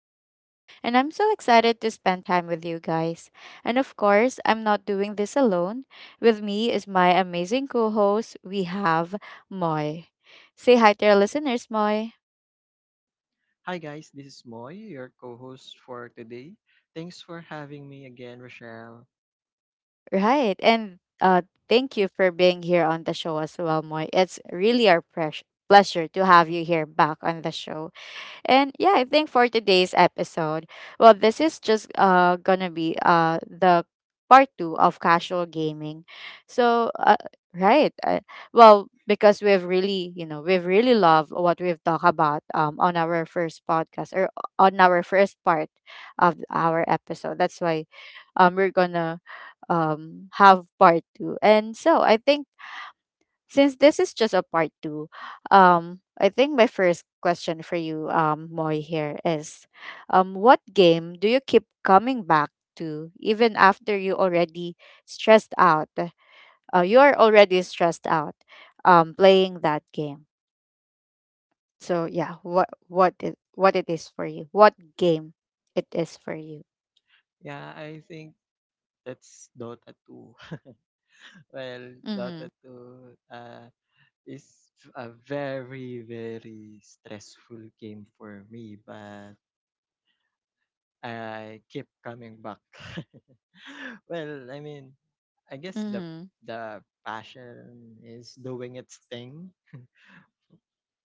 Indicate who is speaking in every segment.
Speaker 1: Rochelle, and I'm so excited to spend time with you guys. And of course, I'm not doing this alone. With me is my amazing co host, we have Moy. Say hi to our listeners, Moy.
Speaker 2: Hi guys, this is Moy, your co-host for today. Thanks for having me again, Rochelle.
Speaker 1: Right, and thank you for being here on the show as well, Moy. It's really our pleasure to have you here back on the show. And yeah, I think for today's episode, well, this is just gonna be the part two of casual gaming. So right, uh, well, because we've really loved what we've talked about on our first podcast or on our first part of our episode. That's why we're gonna have part two. And so I think since this is just a part two, I think my first question for you, Moy, here is, what game do you keep coming back to even after you already stressed out? You are already stressed out, playing that game. So yeah, what it is for you? What game it is for you?
Speaker 2: Yeah, I think that's Dota 2. Well,
Speaker 1: Mm-hmm.
Speaker 2: Dota 2 uh, is a very, very stressful game for me, but I keep coming back. I I guess the
Speaker 1: Mm-hmm.
Speaker 2: the passion is doing its thing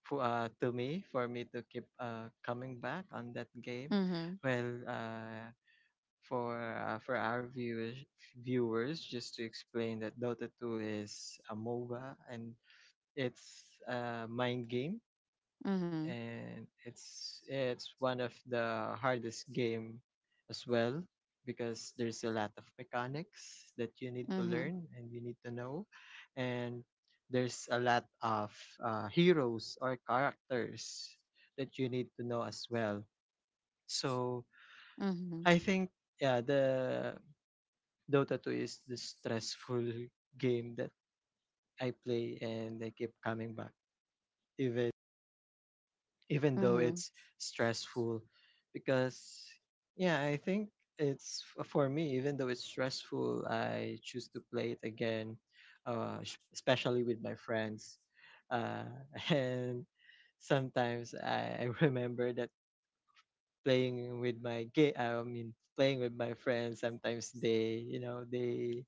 Speaker 2: for me to keep coming back on that game.
Speaker 1: Mm-hmm.
Speaker 2: Well, uh, for our viewers, just to explain that Dota 2 is a MOBA, and it's a mind game, and it's one of the hardest game as well because there's a lot of mechanics that you need to
Speaker 1: Mm-hmm.
Speaker 2: learn and you need to know, and there's a lot of heroes or characters that you need to know as well. So
Speaker 1: Mm-hmm.
Speaker 2: I think yeah, the Dota 2 is the stressful game that I play, and I keep coming back even though
Speaker 1: Mm-hmm.
Speaker 2: it's stressful because yeah, I think for me, even though it's stressful, I choose to play it again, especially with my friends. uh, and sometimes I remember that playing with my gay, I mean playing with my friends. Sometimes they, you know, they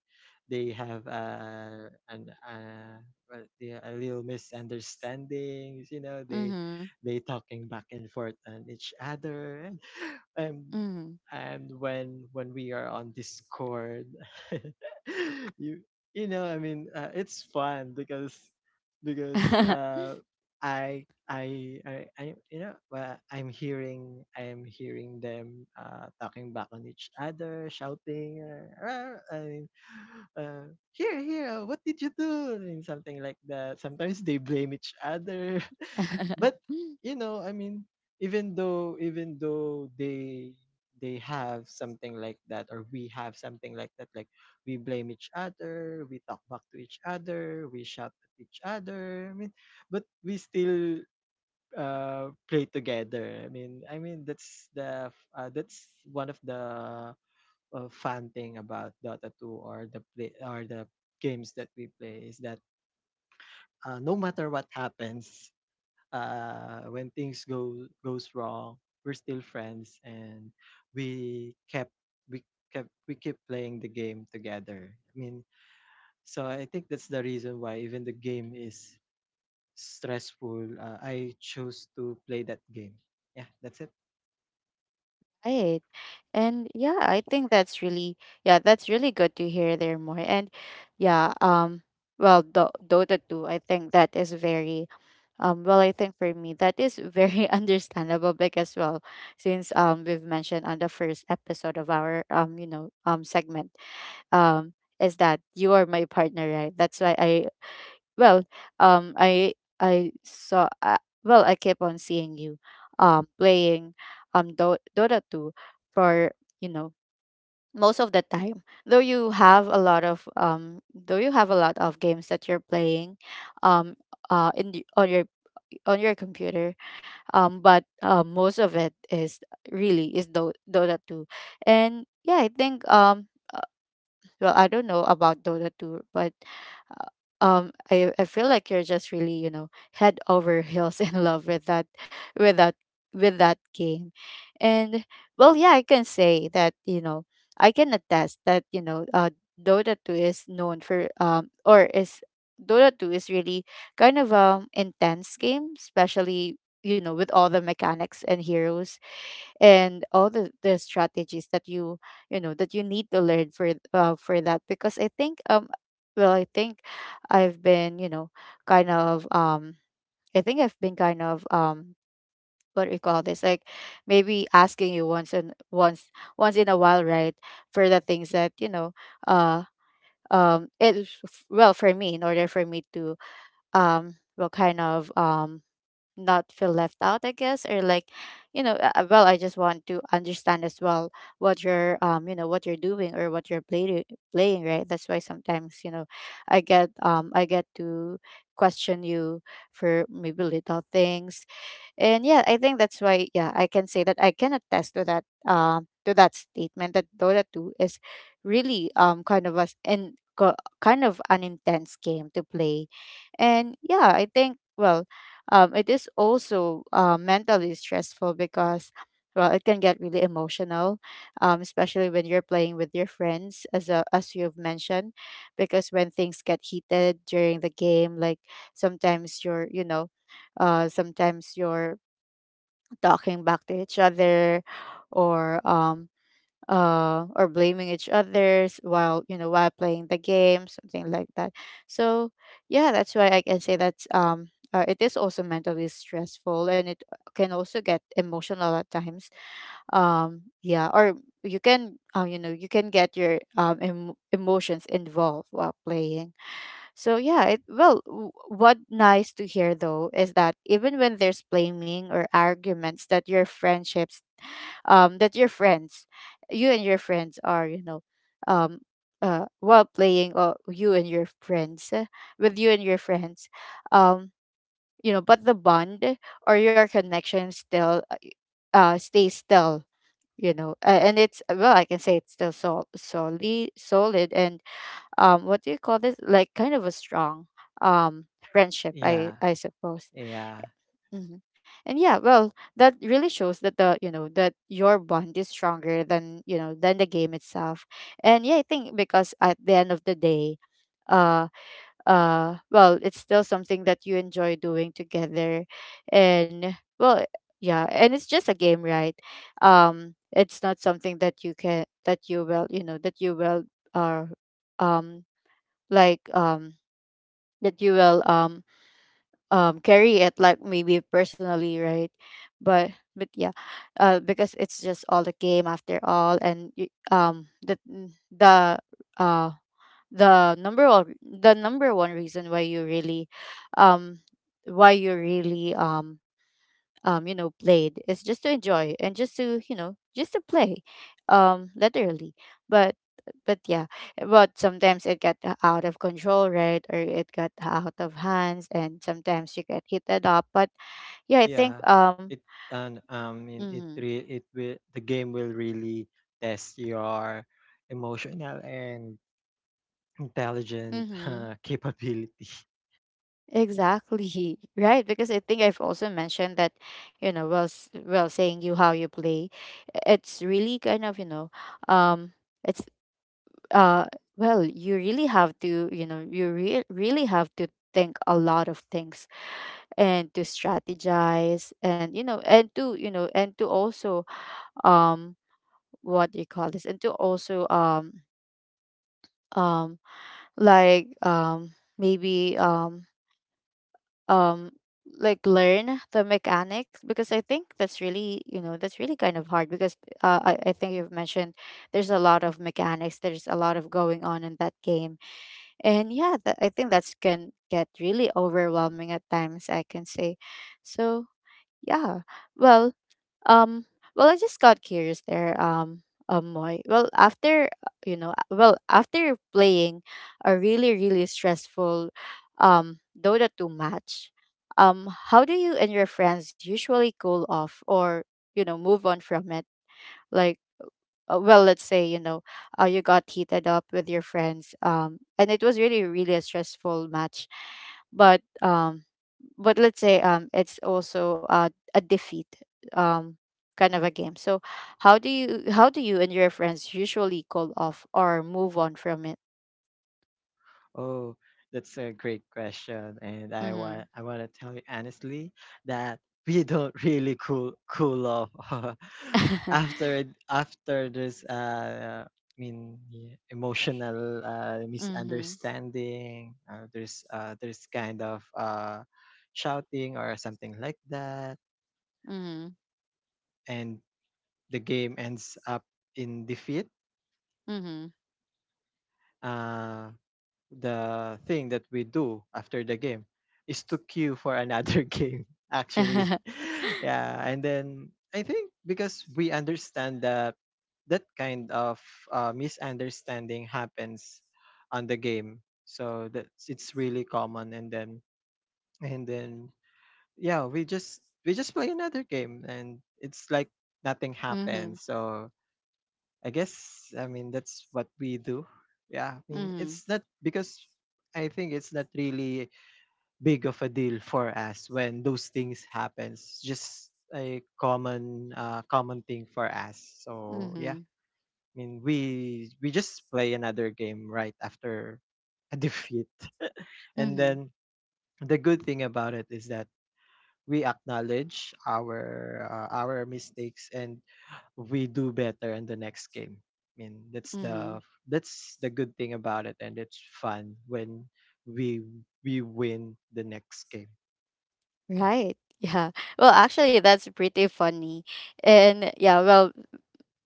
Speaker 2: they have an well, they a little misunderstandings. You know,
Speaker 1: Mm-hmm.
Speaker 2: they talking back and forth on each other, and and and when we are on Discord, you you know, I mean, it's fun because because
Speaker 1: Mm-hmm.
Speaker 2: uh, you know, well, I'm hearing them talking back on each other, shouting, "Rah!" I mean, here, what did you do? And something like that. Sometimes they blame each other, but
Speaker 1: Mm-hmm.
Speaker 2: you know, I mean, even though they have something like that, or we have something like that, like we blame each other, we talk back to each other, we shout at each other. I mean, but we still play together. I mean, that's that's one of the fun thing about Dota 2, or the play, or the games that we play is that no matter what happens, when things go goes wrong, we're still friends, and we kept we kept we keep playing the game together. I mean, so I think that's the reason why even the game is stressful. I chose to play that game. Yeah, that's it.
Speaker 1: Right. And yeah, I think that's really, yeah, that's really good to hear there more. And yeah, well, Dota 2, I think that is very well, I think for me that is very understandable because, well, since we've mentioned on the first episode of our segment um is that you are my partner, right? That's why I well, um, I I saw. Well, I kept on seeing you, playing, Dota two for you know most of the time. Though you have a lot of games that you're playing, um, in the, on your computer. But most of it is Dota two, and yeah, I think, well, I don't know about Dota 2, but uh, I feel like you're just really, head over heels in love with that with that with that game. And, well, yeah, I can say that, I can attest that, Dota 2 is known for, or is Dota 2 is really kind of intense game, especially, with all the mechanics and heroes, and all the strategies that you know that you need to learn for, for that. Because I think, I think I've been, kind of, I think I've been kind of, what do you call this, like maybe asking you once and once, once in a while, right? For the things that, uh it, well, for me, in order for me to, well, kind of, not feel left out, I guess. Or like, well, I just want to understand as well what you're, what you're doing or what you're playing, right? That's why sometimes, I get, I get to question you for maybe little things. And yeah, I think that's why, yeah, I can say that I can attest to that, to that statement that Dota 2 is really, kind of a kind of an intense game to play. And yeah, I think, well, it is also, mentally stressful, because, well, it can get really emotional, especially when you're playing with your friends, as a, as you've mentioned, because when things get heated during the game, like, sometimes you're, you know, sometimes your talking back to each other, or um or blaming each others while, while playing the game, something like that. So yeah, that's why I can say that, it is also mentally stressful, and it can also get emotional at times. Yeah, or you can, you know, you can get your, emotions involved while playing. So yeah, it, well, what nice to hear though is that even when there's blaming or arguments, that your friendships, that your friends, you and your friends are, um, while playing, or you and your friends, with you and your friends, um, you know, but the bond or your connection still, stays still. You know, and it's, well, I can say it's still solid, solid, and what do you call this, like kind of a strong, um friendship, I
Speaker 2: Yeah,
Speaker 1: suppose.
Speaker 2: yeah,
Speaker 1: Hmm. And yeah, well, that really shows that the, that your bond is stronger than, than the game itself. And yeah, I think, because at the end of the day, uh well, it's still something that you enjoy doing together. And, well, yeah, and it's just a game, right? It's not something that you can, that you will, that you will, uh um like, that you will, carry it like maybe personally, right? but but yeah, because it's just all the game after all. And the, uh the number of the number one reason why you really, um why you really, you know, played is just to enjoy, and just to, just to play, literally. but but yeah, but sometimes it got out of control, right? Or it got out of hands and sometimes you get heated up. But yeah, I think,
Speaker 2: yeah. It and in it
Speaker 1: mm-hmm,
Speaker 2: re- it will the game will really test your emotional and intelligent
Speaker 1: mm-hmm,
Speaker 2: capability.
Speaker 1: exactly. Right, because I think I've also mentioned that, while, while saying you how you play, it's really kind of, um it's, uh well, you really have to, you really have to think a lot of things, and to strategize, and you know, and to, you know, and to also, um what do you call this, and to also, um like, maybe um like learn the mechanics, because I think that's really, you know, that's really kind of hard, because, I think you've mentioned there's a lot of mechanics, there's a lot of going on in that game. And yeah, that, I think that's can get really overwhelming at times, I can say. So yeah, well, um well, I just got curious there, Moy. Well, after, well, after playing a really, really stressful, Dota 2 match, how do you and your friends usually cool off, or you know, move on from it? Like, well, let's say, you know, you got heated up with your friends, and it was really, really a stressful match. But, but let's say, it's also, a defeat, um kind of a game. So how do you, how do you and your friends usually call off or move on from it?
Speaker 2: Oh, that's a great question, and
Speaker 1: Mm-hmm.
Speaker 2: I want to tell you honestly that we don't really cool off. After after this yeah, emotional
Speaker 1: Mm-hmm.
Speaker 2: misunderstanding. There's there's kind of shouting or something like that,
Speaker 1: Mm-hmm.
Speaker 2: and the game ends up in defeat.
Speaker 1: Mm-hmm.
Speaker 2: Uh. The thing that we do after the game is to queue for another game, actually. Yeah, and then I think because we understand that that kind of misunderstanding happens on the game, so that's it's really common, and then and then yeah, we just play another game, and it's like nothing
Speaker 1: Mm-hmm.
Speaker 2: happens. So I guess, I mean, that's what we do. Yeah, I mean,
Speaker 1: Mm-hmm.
Speaker 2: it's not because I think it's not really big of a deal for us when those things happens. Just a common common thing for us. So yeah, I mean, we just play another game right after a defeat.
Speaker 1: Mm-hmm.
Speaker 2: And
Speaker 1: Mm-hmm.
Speaker 2: then the good thing about it is that we acknowledge our mistakes, and we do better in the next game. I mean, that's the good thing about it, and it's fun when we we win the next game. Yeah,
Speaker 1: Right. Yeah. Well, actually, that's pretty funny. And yeah, well,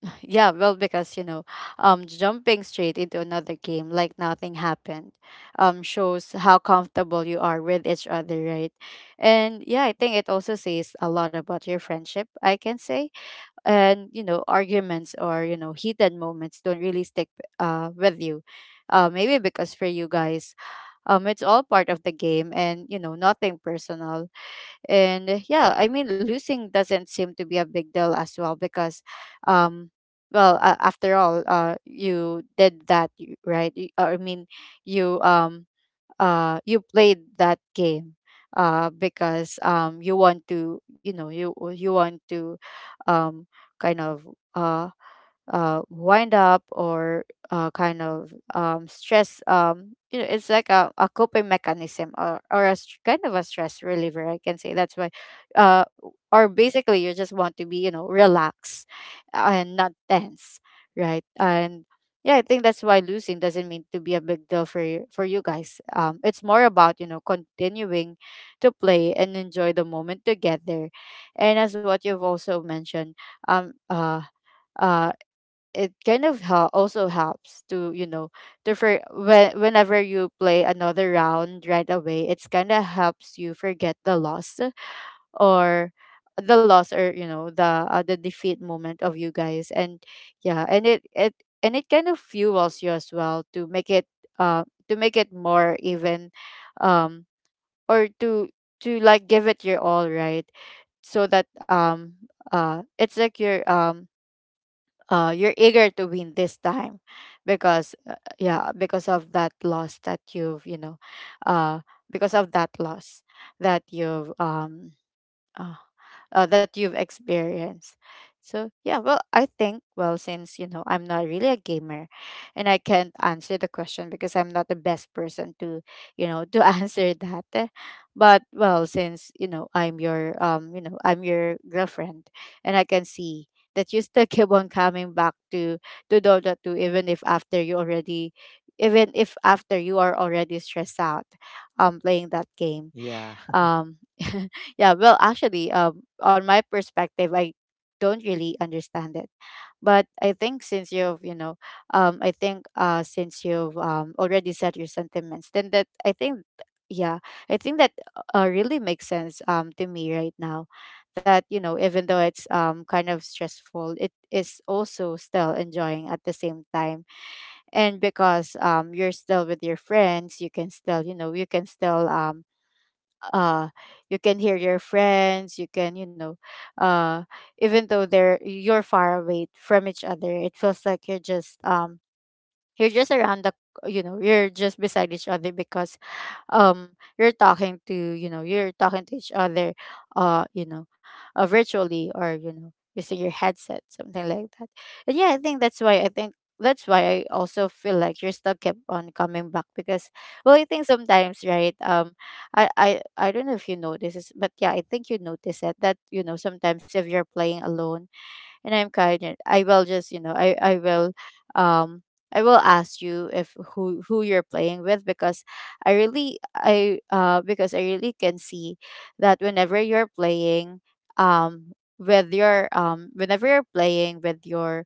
Speaker 1: yeah, well, because, you know, jumping straight into another game like nothing happened, shows how comfortable you are with each other, right? And yeah, I think it also says a lot about your friendship, I can say. And, you know, arguments, or you know, heated moments don't really stick, with you. Maybe because for you guys, it's all part of the game and, you know, nothing personal. And yeah, I mean losing doesn't seem to be a big deal as well, because, um well, after all, you did that, right. I mean, you, you played that game, because, you want to, you know, you want to, um kind of, uh wind up, or kind of, stress. You know, it's like a coping mechanism, or a kind of a stress reliever, I can say. That's why, uh, or basically you just want to be, relaxed and not tense, right? And yeah, I think that's why losing doesn't mean to be a big deal for you guys. It's more about continuing to play and enjoy the moment together, and as what you've also mentioned, um, uh, uh it helps to for whenever you play another round right away it's kind of helps you forget the loss or or the defeat moment of you guys. And yeah and it it and it kind of fuels you as well uh to make it more even, um or to, like, give it your all, right? So that it's like your you're eager to win this time because yeah, because of that loss that you've you know uh, because of that loss that you've Oh, that you've experienced. So yeah, well, I think, well, since I'm not really a gamer, and I can't answer the question because I'm not the best person to answer that. But well, since I'm your you know I'm your girlfriend, and I can see that you still keep on coming back to Dota 2 even if after you already even if after you are already stressed out playing that game.
Speaker 2: yeah,
Speaker 1: um yeah, well, actually, on my perspective, I don't really understand it, but I think since you've you know I think since you've already said your sentiments, then that I think yeah I think that really makes sense to me right now. That you know, even though it's kind of stressful, it is also still enjoying at the same time. And because you're still with your friends, you can still, you can still, uh you can hear your friends, you can, uh even though they're you're far away from each other, it feels like you're just around the, you're just beside each other because um you're talking to, you're talking to each other, uh you know virtually, or, using your headset, something like that. And yeah, I think that's why, I think that's why I also feel like you're still kept on coming back, because, well, I think sometimes, right, I don't know if you notice this, but yeah, I think you notice it, that, sometimes if you're playing alone and I'm kind. I will just, you know I will, um I will ask you if who you're playing with, because I really, I because I really can see that whenever you're playing with your whenever you're playing with your,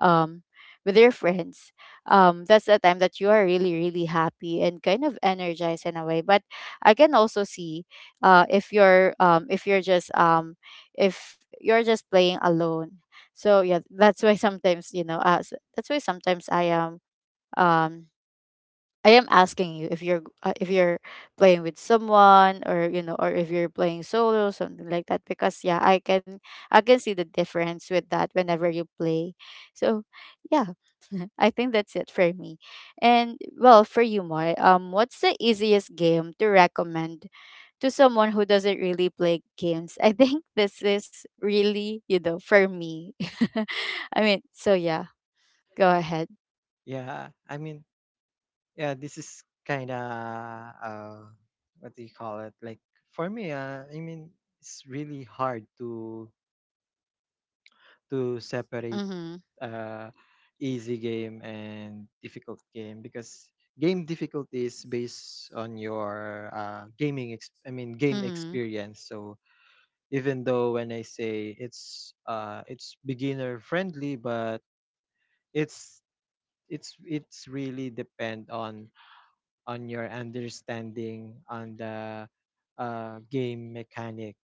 Speaker 1: um, with your friends, that's the time that you are really, really happy and kind of energized in a way. But I can also see, uh, if you're um, if you're just um, if you're just playing alone. So yeah, that's why sometimes, that's why sometimes I am, um, I am asking you if if you're playing with someone, or, or if you're playing solo, something like that, because yeah, I can, I can see the difference with that whenever you play. So yeah, I think that's it for me. And well, for you, Moy, what's the easiest game to recommend to someone who doesn't really play games? I think this is really, you know, for me. I mean, so yeah, go ahead.
Speaker 2: yeah. I mean, yeah. This is kind of uh, what do you call it? Like for me, it's really hard to separate
Speaker 1: Mm-hmm.
Speaker 2: uh, easy game and difficult game because game difficulty is based on your gaming ex- I mean game
Speaker 1: Mm-hmm.
Speaker 2: experience. So even though when I say it's beginner friendly, but it's it's really depend on your understanding on the game mechanics,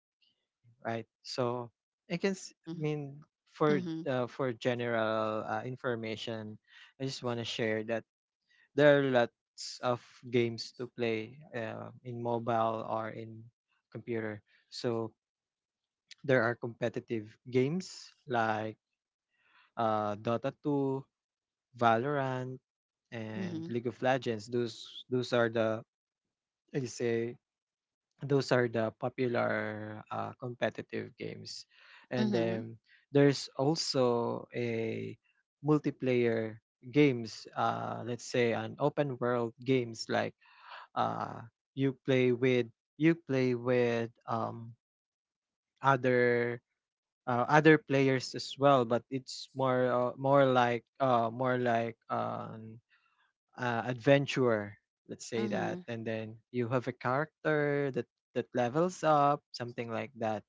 Speaker 2: right? So I can, s- I mean, for
Speaker 1: Mm-hmm.
Speaker 2: for general information, I just want to share that there are lots of games to play in mobile or in computer. So there are competitive games like Dota 2, Valorant, and
Speaker 1: Mm-hmm.
Speaker 2: League of Legends. Those are the, I say, those are the popular competitive games. And
Speaker 1: Mm-hmm.
Speaker 2: then there's also a multiplayer games, let's say an open world games, like uh, you play with you play with other other players as well, but it's more more like adventure, let's say that.
Speaker 1: Mm-hmm.
Speaker 2: And then you have a character that levels up, something like that.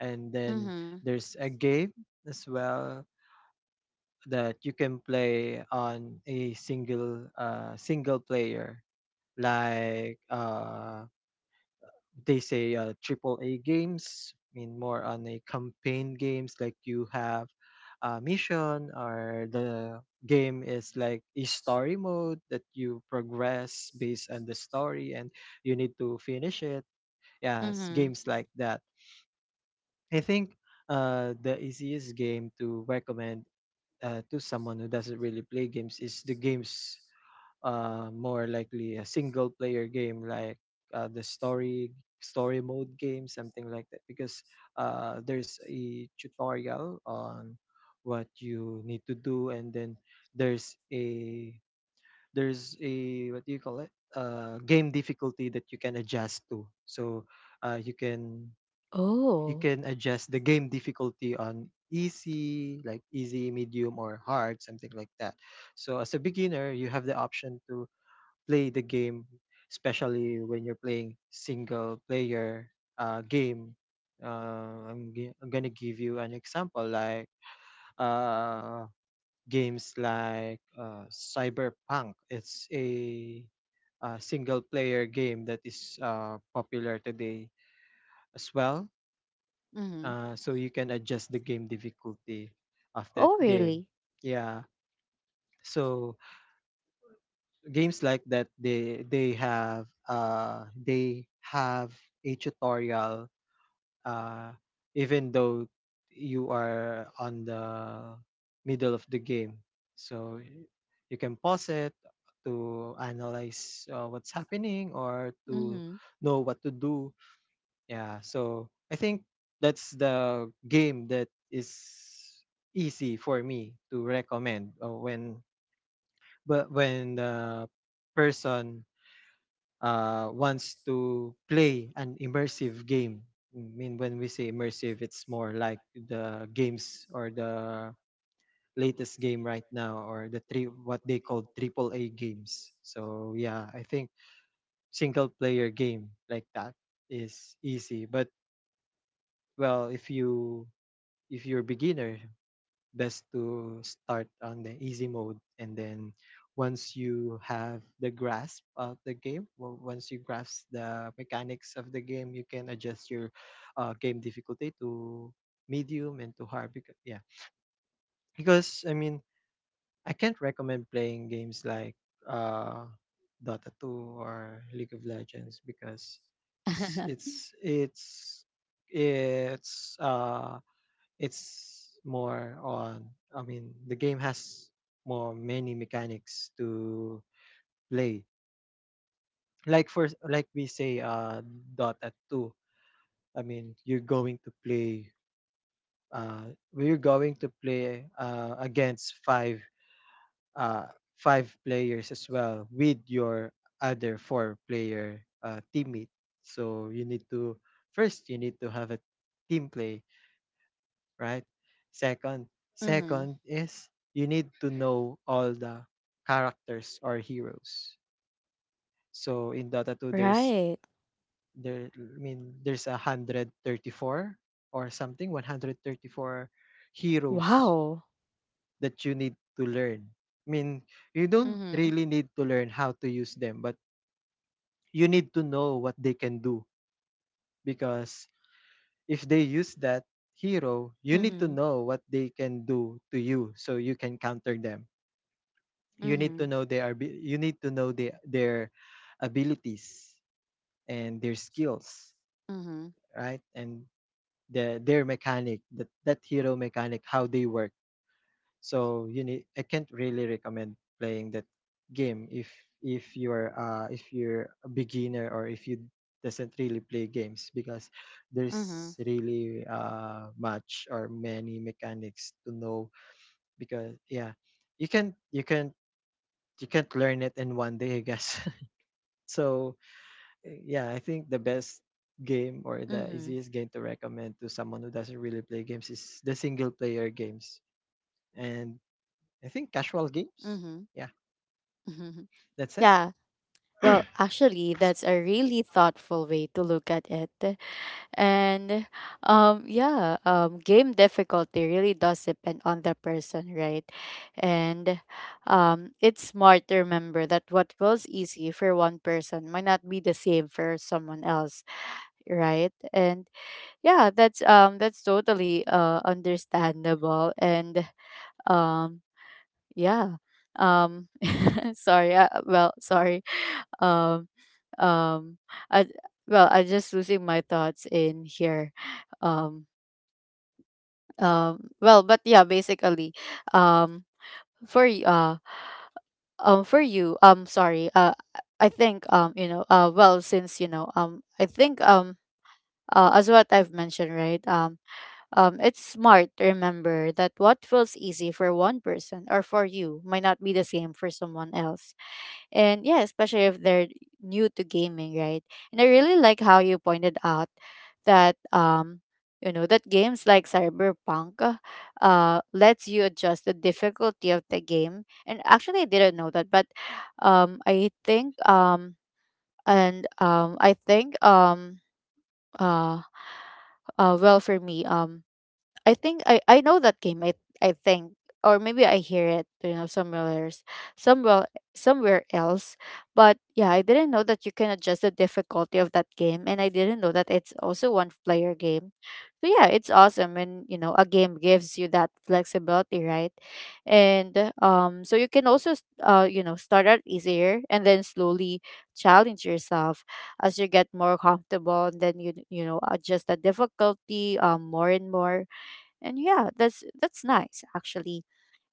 Speaker 2: And then
Speaker 1: Mm-hmm.
Speaker 2: there's a game as well that you can play on a single single player, like they say triple A games. I mean, more on a campaign games, like you have a mission, or the game is like a story mode that you progress based on the story, and you need to finish it. Yes,
Speaker 1: Mm-hmm.
Speaker 2: games like that. I think the easiest game to recommend to someone who doesn't really play games is the games more likely a single player game, like the story mode game, something like that, because there's a tutorial on what you need to do. And then there's a there's a what do you call it game difficulty that you can adjust to. So you can
Speaker 1: Oh.
Speaker 2: adjust the game difficulty on easy, like easy, medium, or hard, something like that. So as a beginner, you have the option to play the game, especially when you're playing single player game. I'm gonna give you an example, like uh, games like Cyberpunk. It's a single player game that is popular today as well.
Speaker 1: Mm-hmm.
Speaker 2: So you can adjust the game difficulty of that
Speaker 1: Oh,
Speaker 2: game.
Speaker 1: really?
Speaker 2: Yeah. So games like that, they have they have a tutorial uh even though you are on the middle of the game, so you can pause it to analyze what's happening or to
Speaker 1: Mm-hmm.
Speaker 2: know what to do. Yeah, so I think that's the game that is easy for me to recommend when the person wants to play an immersive game. I mean, when we say immersive, it's more like the games or the latest game right now, or the three what they call triple A games. So yeah, I think single player game like that is easy. But well, if you're beginner, best to start on the easy mode, and then once you have the grasp of the game well, once you grasp the mechanics of the game, you can adjust your game difficulty to medium and to hard. Because yeah, because I mean, I can't recommend playing games like uh Dota 2 or League of Legends, because it's it's it's it's uh it's more on, I mean, the game has more many mechanics to play. Like for like we say Dota 2, I mean, you're going to play we're going to play against five uh five players as well with your other four player teammate. So you need to, first, you need to have a team play, right? Second,
Speaker 1: Mm-hmm.
Speaker 2: is you need to know all the characters or heroes. So in Dota 2, there's
Speaker 1: Right.
Speaker 2: there I mean there's 134 or something, 134 heroes
Speaker 1: Wow.
Speaker 2: that you need to learn. I mean, you don't
Speaker 1: Mm-hmm.
Speaker 2: really need to learn how to use them, but you need to know what they can do, because if they use that hero, you need to
Speaker 1: Mm-hmm.
Speaker 2: know what they can do to you, so you can counter them.
Speaker 1: Mm-hmm.
Speaker 2: You need to know their abilities and their skills,
Speaker 1: Mm-hmm.
Speaker 2: right? And their mechanic, that that hero mechanic, how they work. So you need I can't really recommend playing that game if you're if you're a beginner, or if you doesn't really play games, because
Speaker 1: Mhm.
Speaker 2: there's really much or many mechanics to know. Because yeah, you can you can you can't learn it in one day, I guess. So yeah, I think the best game or the
Speaker 1: Mhm.
Speaker 2: easiest game to recommend to someone who doesn't really play games is the single player games and, I think, casual games. Yeah,
Speaker 1: Mhm.
Speaker 2: that's it.
Speaker 1: Yeah.
Speaker 2: S-
Speaker 1: Well, actually, that's a really thoughtful way to look at it. And yeah, game difficulty really does depend on the person, right? And it's smart to remember that what feels easy for one person might not be the same for someone else, right? And yeah, that's totally understandable, and um yeah. Um Sorry. Well, sorry. Um um I, well, I just losing my thoughts in here. Um well, but yeah, basically, um for y- uh for you, sorry. I think you know, well, since I think as what I've mentioned, right? It's smart to remember that what feels easy for one person or for you might not be the same for someone else. And yeah, especially if they're new to gaming, right? And I really like how you pointed out that you know, that games like Cyberpunk, lets you adjust the difficulty of the game. And actually, I didn't know that, but I think and I think uh, well, for me, I think I know that game. I think, or maybe I hear it, you know, somewhere else, somewhere somewhere else. But yeah, I didn't know that you can adjust the difficulty of that game, and I didn't know that it's also one player game. So yeah, it's awesome, and you know, a game gives you that flexibility, right? And so you can also you know, start out easier and then slowly challenge yourself as you get more comfortable, and then you know, adjust the difficulty more and more. And yeah, that's nice actually.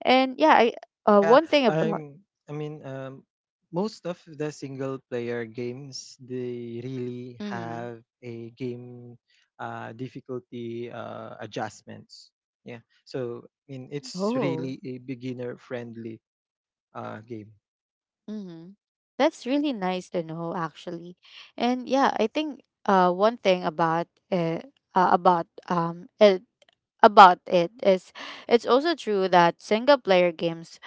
Speaker 1: And yeah I
Speaker 2: yeah,
Speaker 1: one thing about,
Speaker 2: I'm. I mean, um, Most of the single player games, they really
Speaker 1: mhm.
Speaker 2: have a game difficulty adjustments. Yeah, so I mean, it's
Speaker 1: Oh.
Speaker 2: really a beginner friendly game.
Speaker 1: Mm-hmm. That's really nice to know, actually. And yeah, I think, one thing about, about it about it, is it's also true that single player games,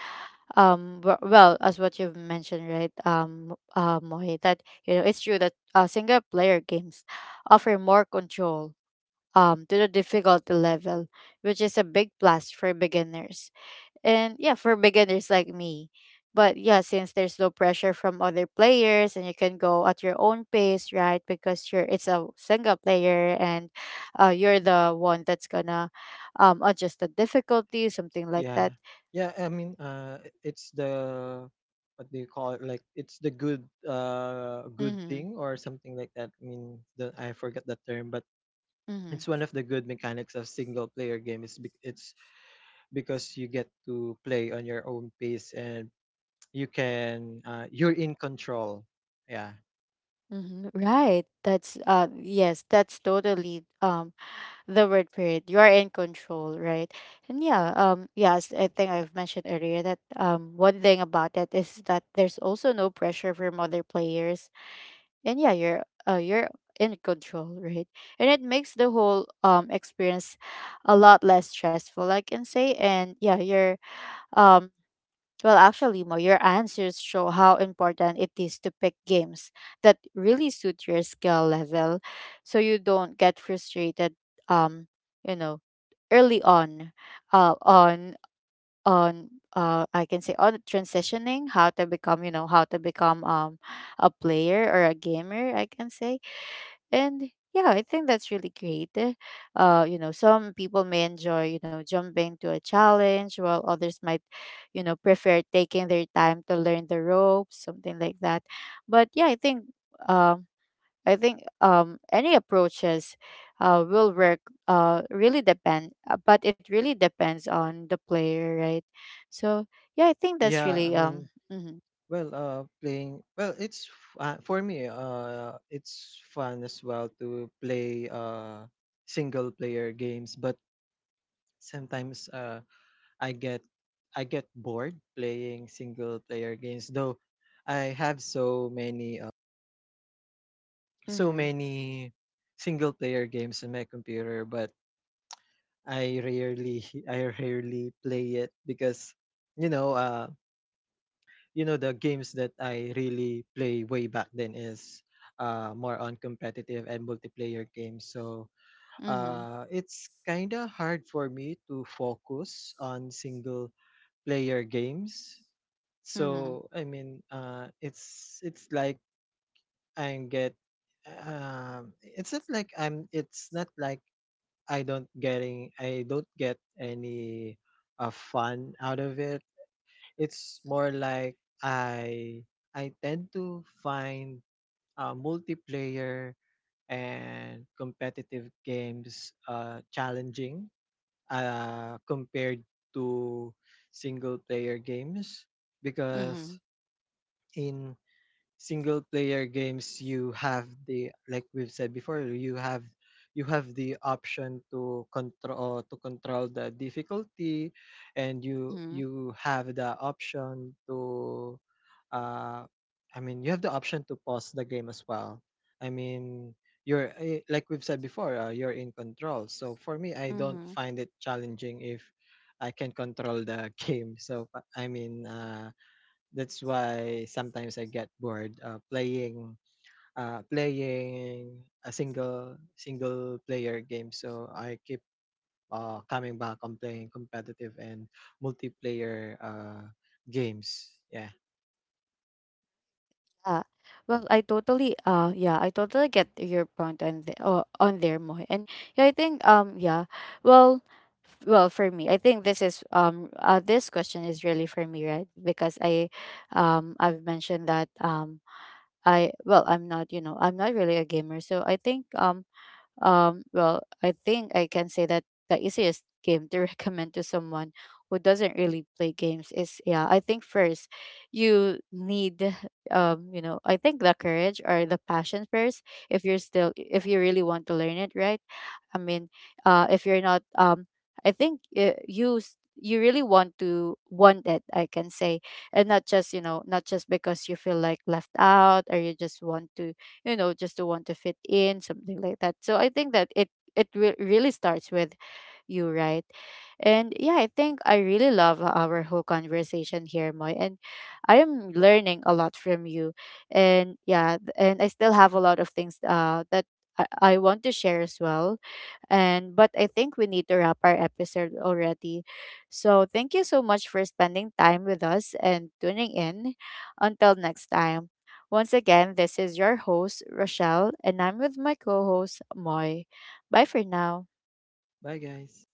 Speaker 1: well, as what you've mentioned, right, Moy, that you know, it's true that, single player games offer more control to the difficulty level, which is a big plus for beginners. And yeah, for beginners like me. But yeah, since there's no pressure from other players and you can go at your own pace, right? Because you're it's a single player, and you're the one that's gonna adjust the difficulty, something like
Speaker 2: Yeah.
Speaker 1: that.
Speaker 2: Yeah, I mean, it's the, what do you call it? Like it's the good good
Speaker 1: Mm-hmm.
Speaker 2: thing or something like that. I mean, I forget the term, but
Speaker 1: Mm-hmm.
Speaker 2: it's one of the good mechanics of single player game. It's because you get to play on your own pace, and you can you're in control. Yeah.
Speaker 1: Mm-hmm. Right. That's yes, that's totally the word for it. You are in control, right? And yeah, yes, I think I've mentioned earlier that one thing about it is that there's also no pressure from other players, and yeah, you're, you're in control, right? And it makes the whole experience a lot less stressful, I can say. And yeah, you're, um well, actually, Mo, your answers show how important it is to pick games that really suit your skill level so you don't get frustrated, um, you know, early on, uh on on I can say on transitioning how to become, you know, how to become a player or a gamer, I can say. And yeah, I think that's really great. You know, some people may enjoy, you know, jumping to a challenge, while others might, you know, prefer taking their time to learn the ropes, something like that. But yeah, I think um any approaches will work, really depend but it really depends on the player, right? So yeah, I think that's
Speaker 2: Yeah, I
Speaker 1: really
Speaker 2: mean,
Speaker 1: mhm.
Speaker 2: well, it's for me, it's fun as well to play single player games, but sometimes I get I get bored playing single player games. Though I have so many so
Speaker 1: Mhm.
Speaker 2: many single player games on my computer, but I rarely I rarely play it. Because you know uh you know, the games that I really play way back then is more on competitive and multiplayer games. So
Speaker 1: Mhm.
Speaker 2: it's kind of hard for me to focus on single player games.
Speaker 1: Mhm.
Speaker 2: So I mean, it's like I get, it's not like I'm. It's not like I don't get any fun out of it. It's more like I tend to find multiplayer and competitive games challenging compared to single player games. Because
Speaker 1: Mhm.
Speaker 2: in single player games, you have the, like we've said before, you have the option to control the difficulty, and
Speaker 1: Mhm.
Speaker 2: you have the option to uh you have the option to pause the game as well. I mean, you're, like we've said before, you're in control. So for me, I don't
Speaker 1: Mhm.
Speaker 2: find it challenging if I can control the game. So that's why sometimes I get bored, playing a single player game. So I keep coming back on playing competitive and multiplayer games. Yeah.
Speaker 1: Ah. Well, I totally yeah, I totally get your point on the on there, Moy. And yeah, I think yeah. Well, well, for me, I think this is this question is really for me, right? Because I've mentioned that I, well, I'm not, you know, I'm not really a gamer. So I think well, I think I can say that the easiest game to recommend to someone who doesn't really play games is yeah, I think first you need you know, I think the courage or the passion first, if you're still, if you really want to learn it, right? I mean, if you're not, I think you really want to want it, I can say, and not just, you know, not just because you feel like left out, or you just want to, you know, just to want to fit in, something like that. So I think that it re- really starts with you, right? And yeah, I think I really love our whole conversation here, Moy. And I am learning a lot from you. And yeah, and I still have a lot of things that I, I want to share as well. And but I think we need to wrap our episode already. So thank you so much for spending time with us and tuning in. Until next time. Once again, this is your host, Rochelle, and I'm with my co host, Moy. Bye for now.
Speaker 2: Bye, guys.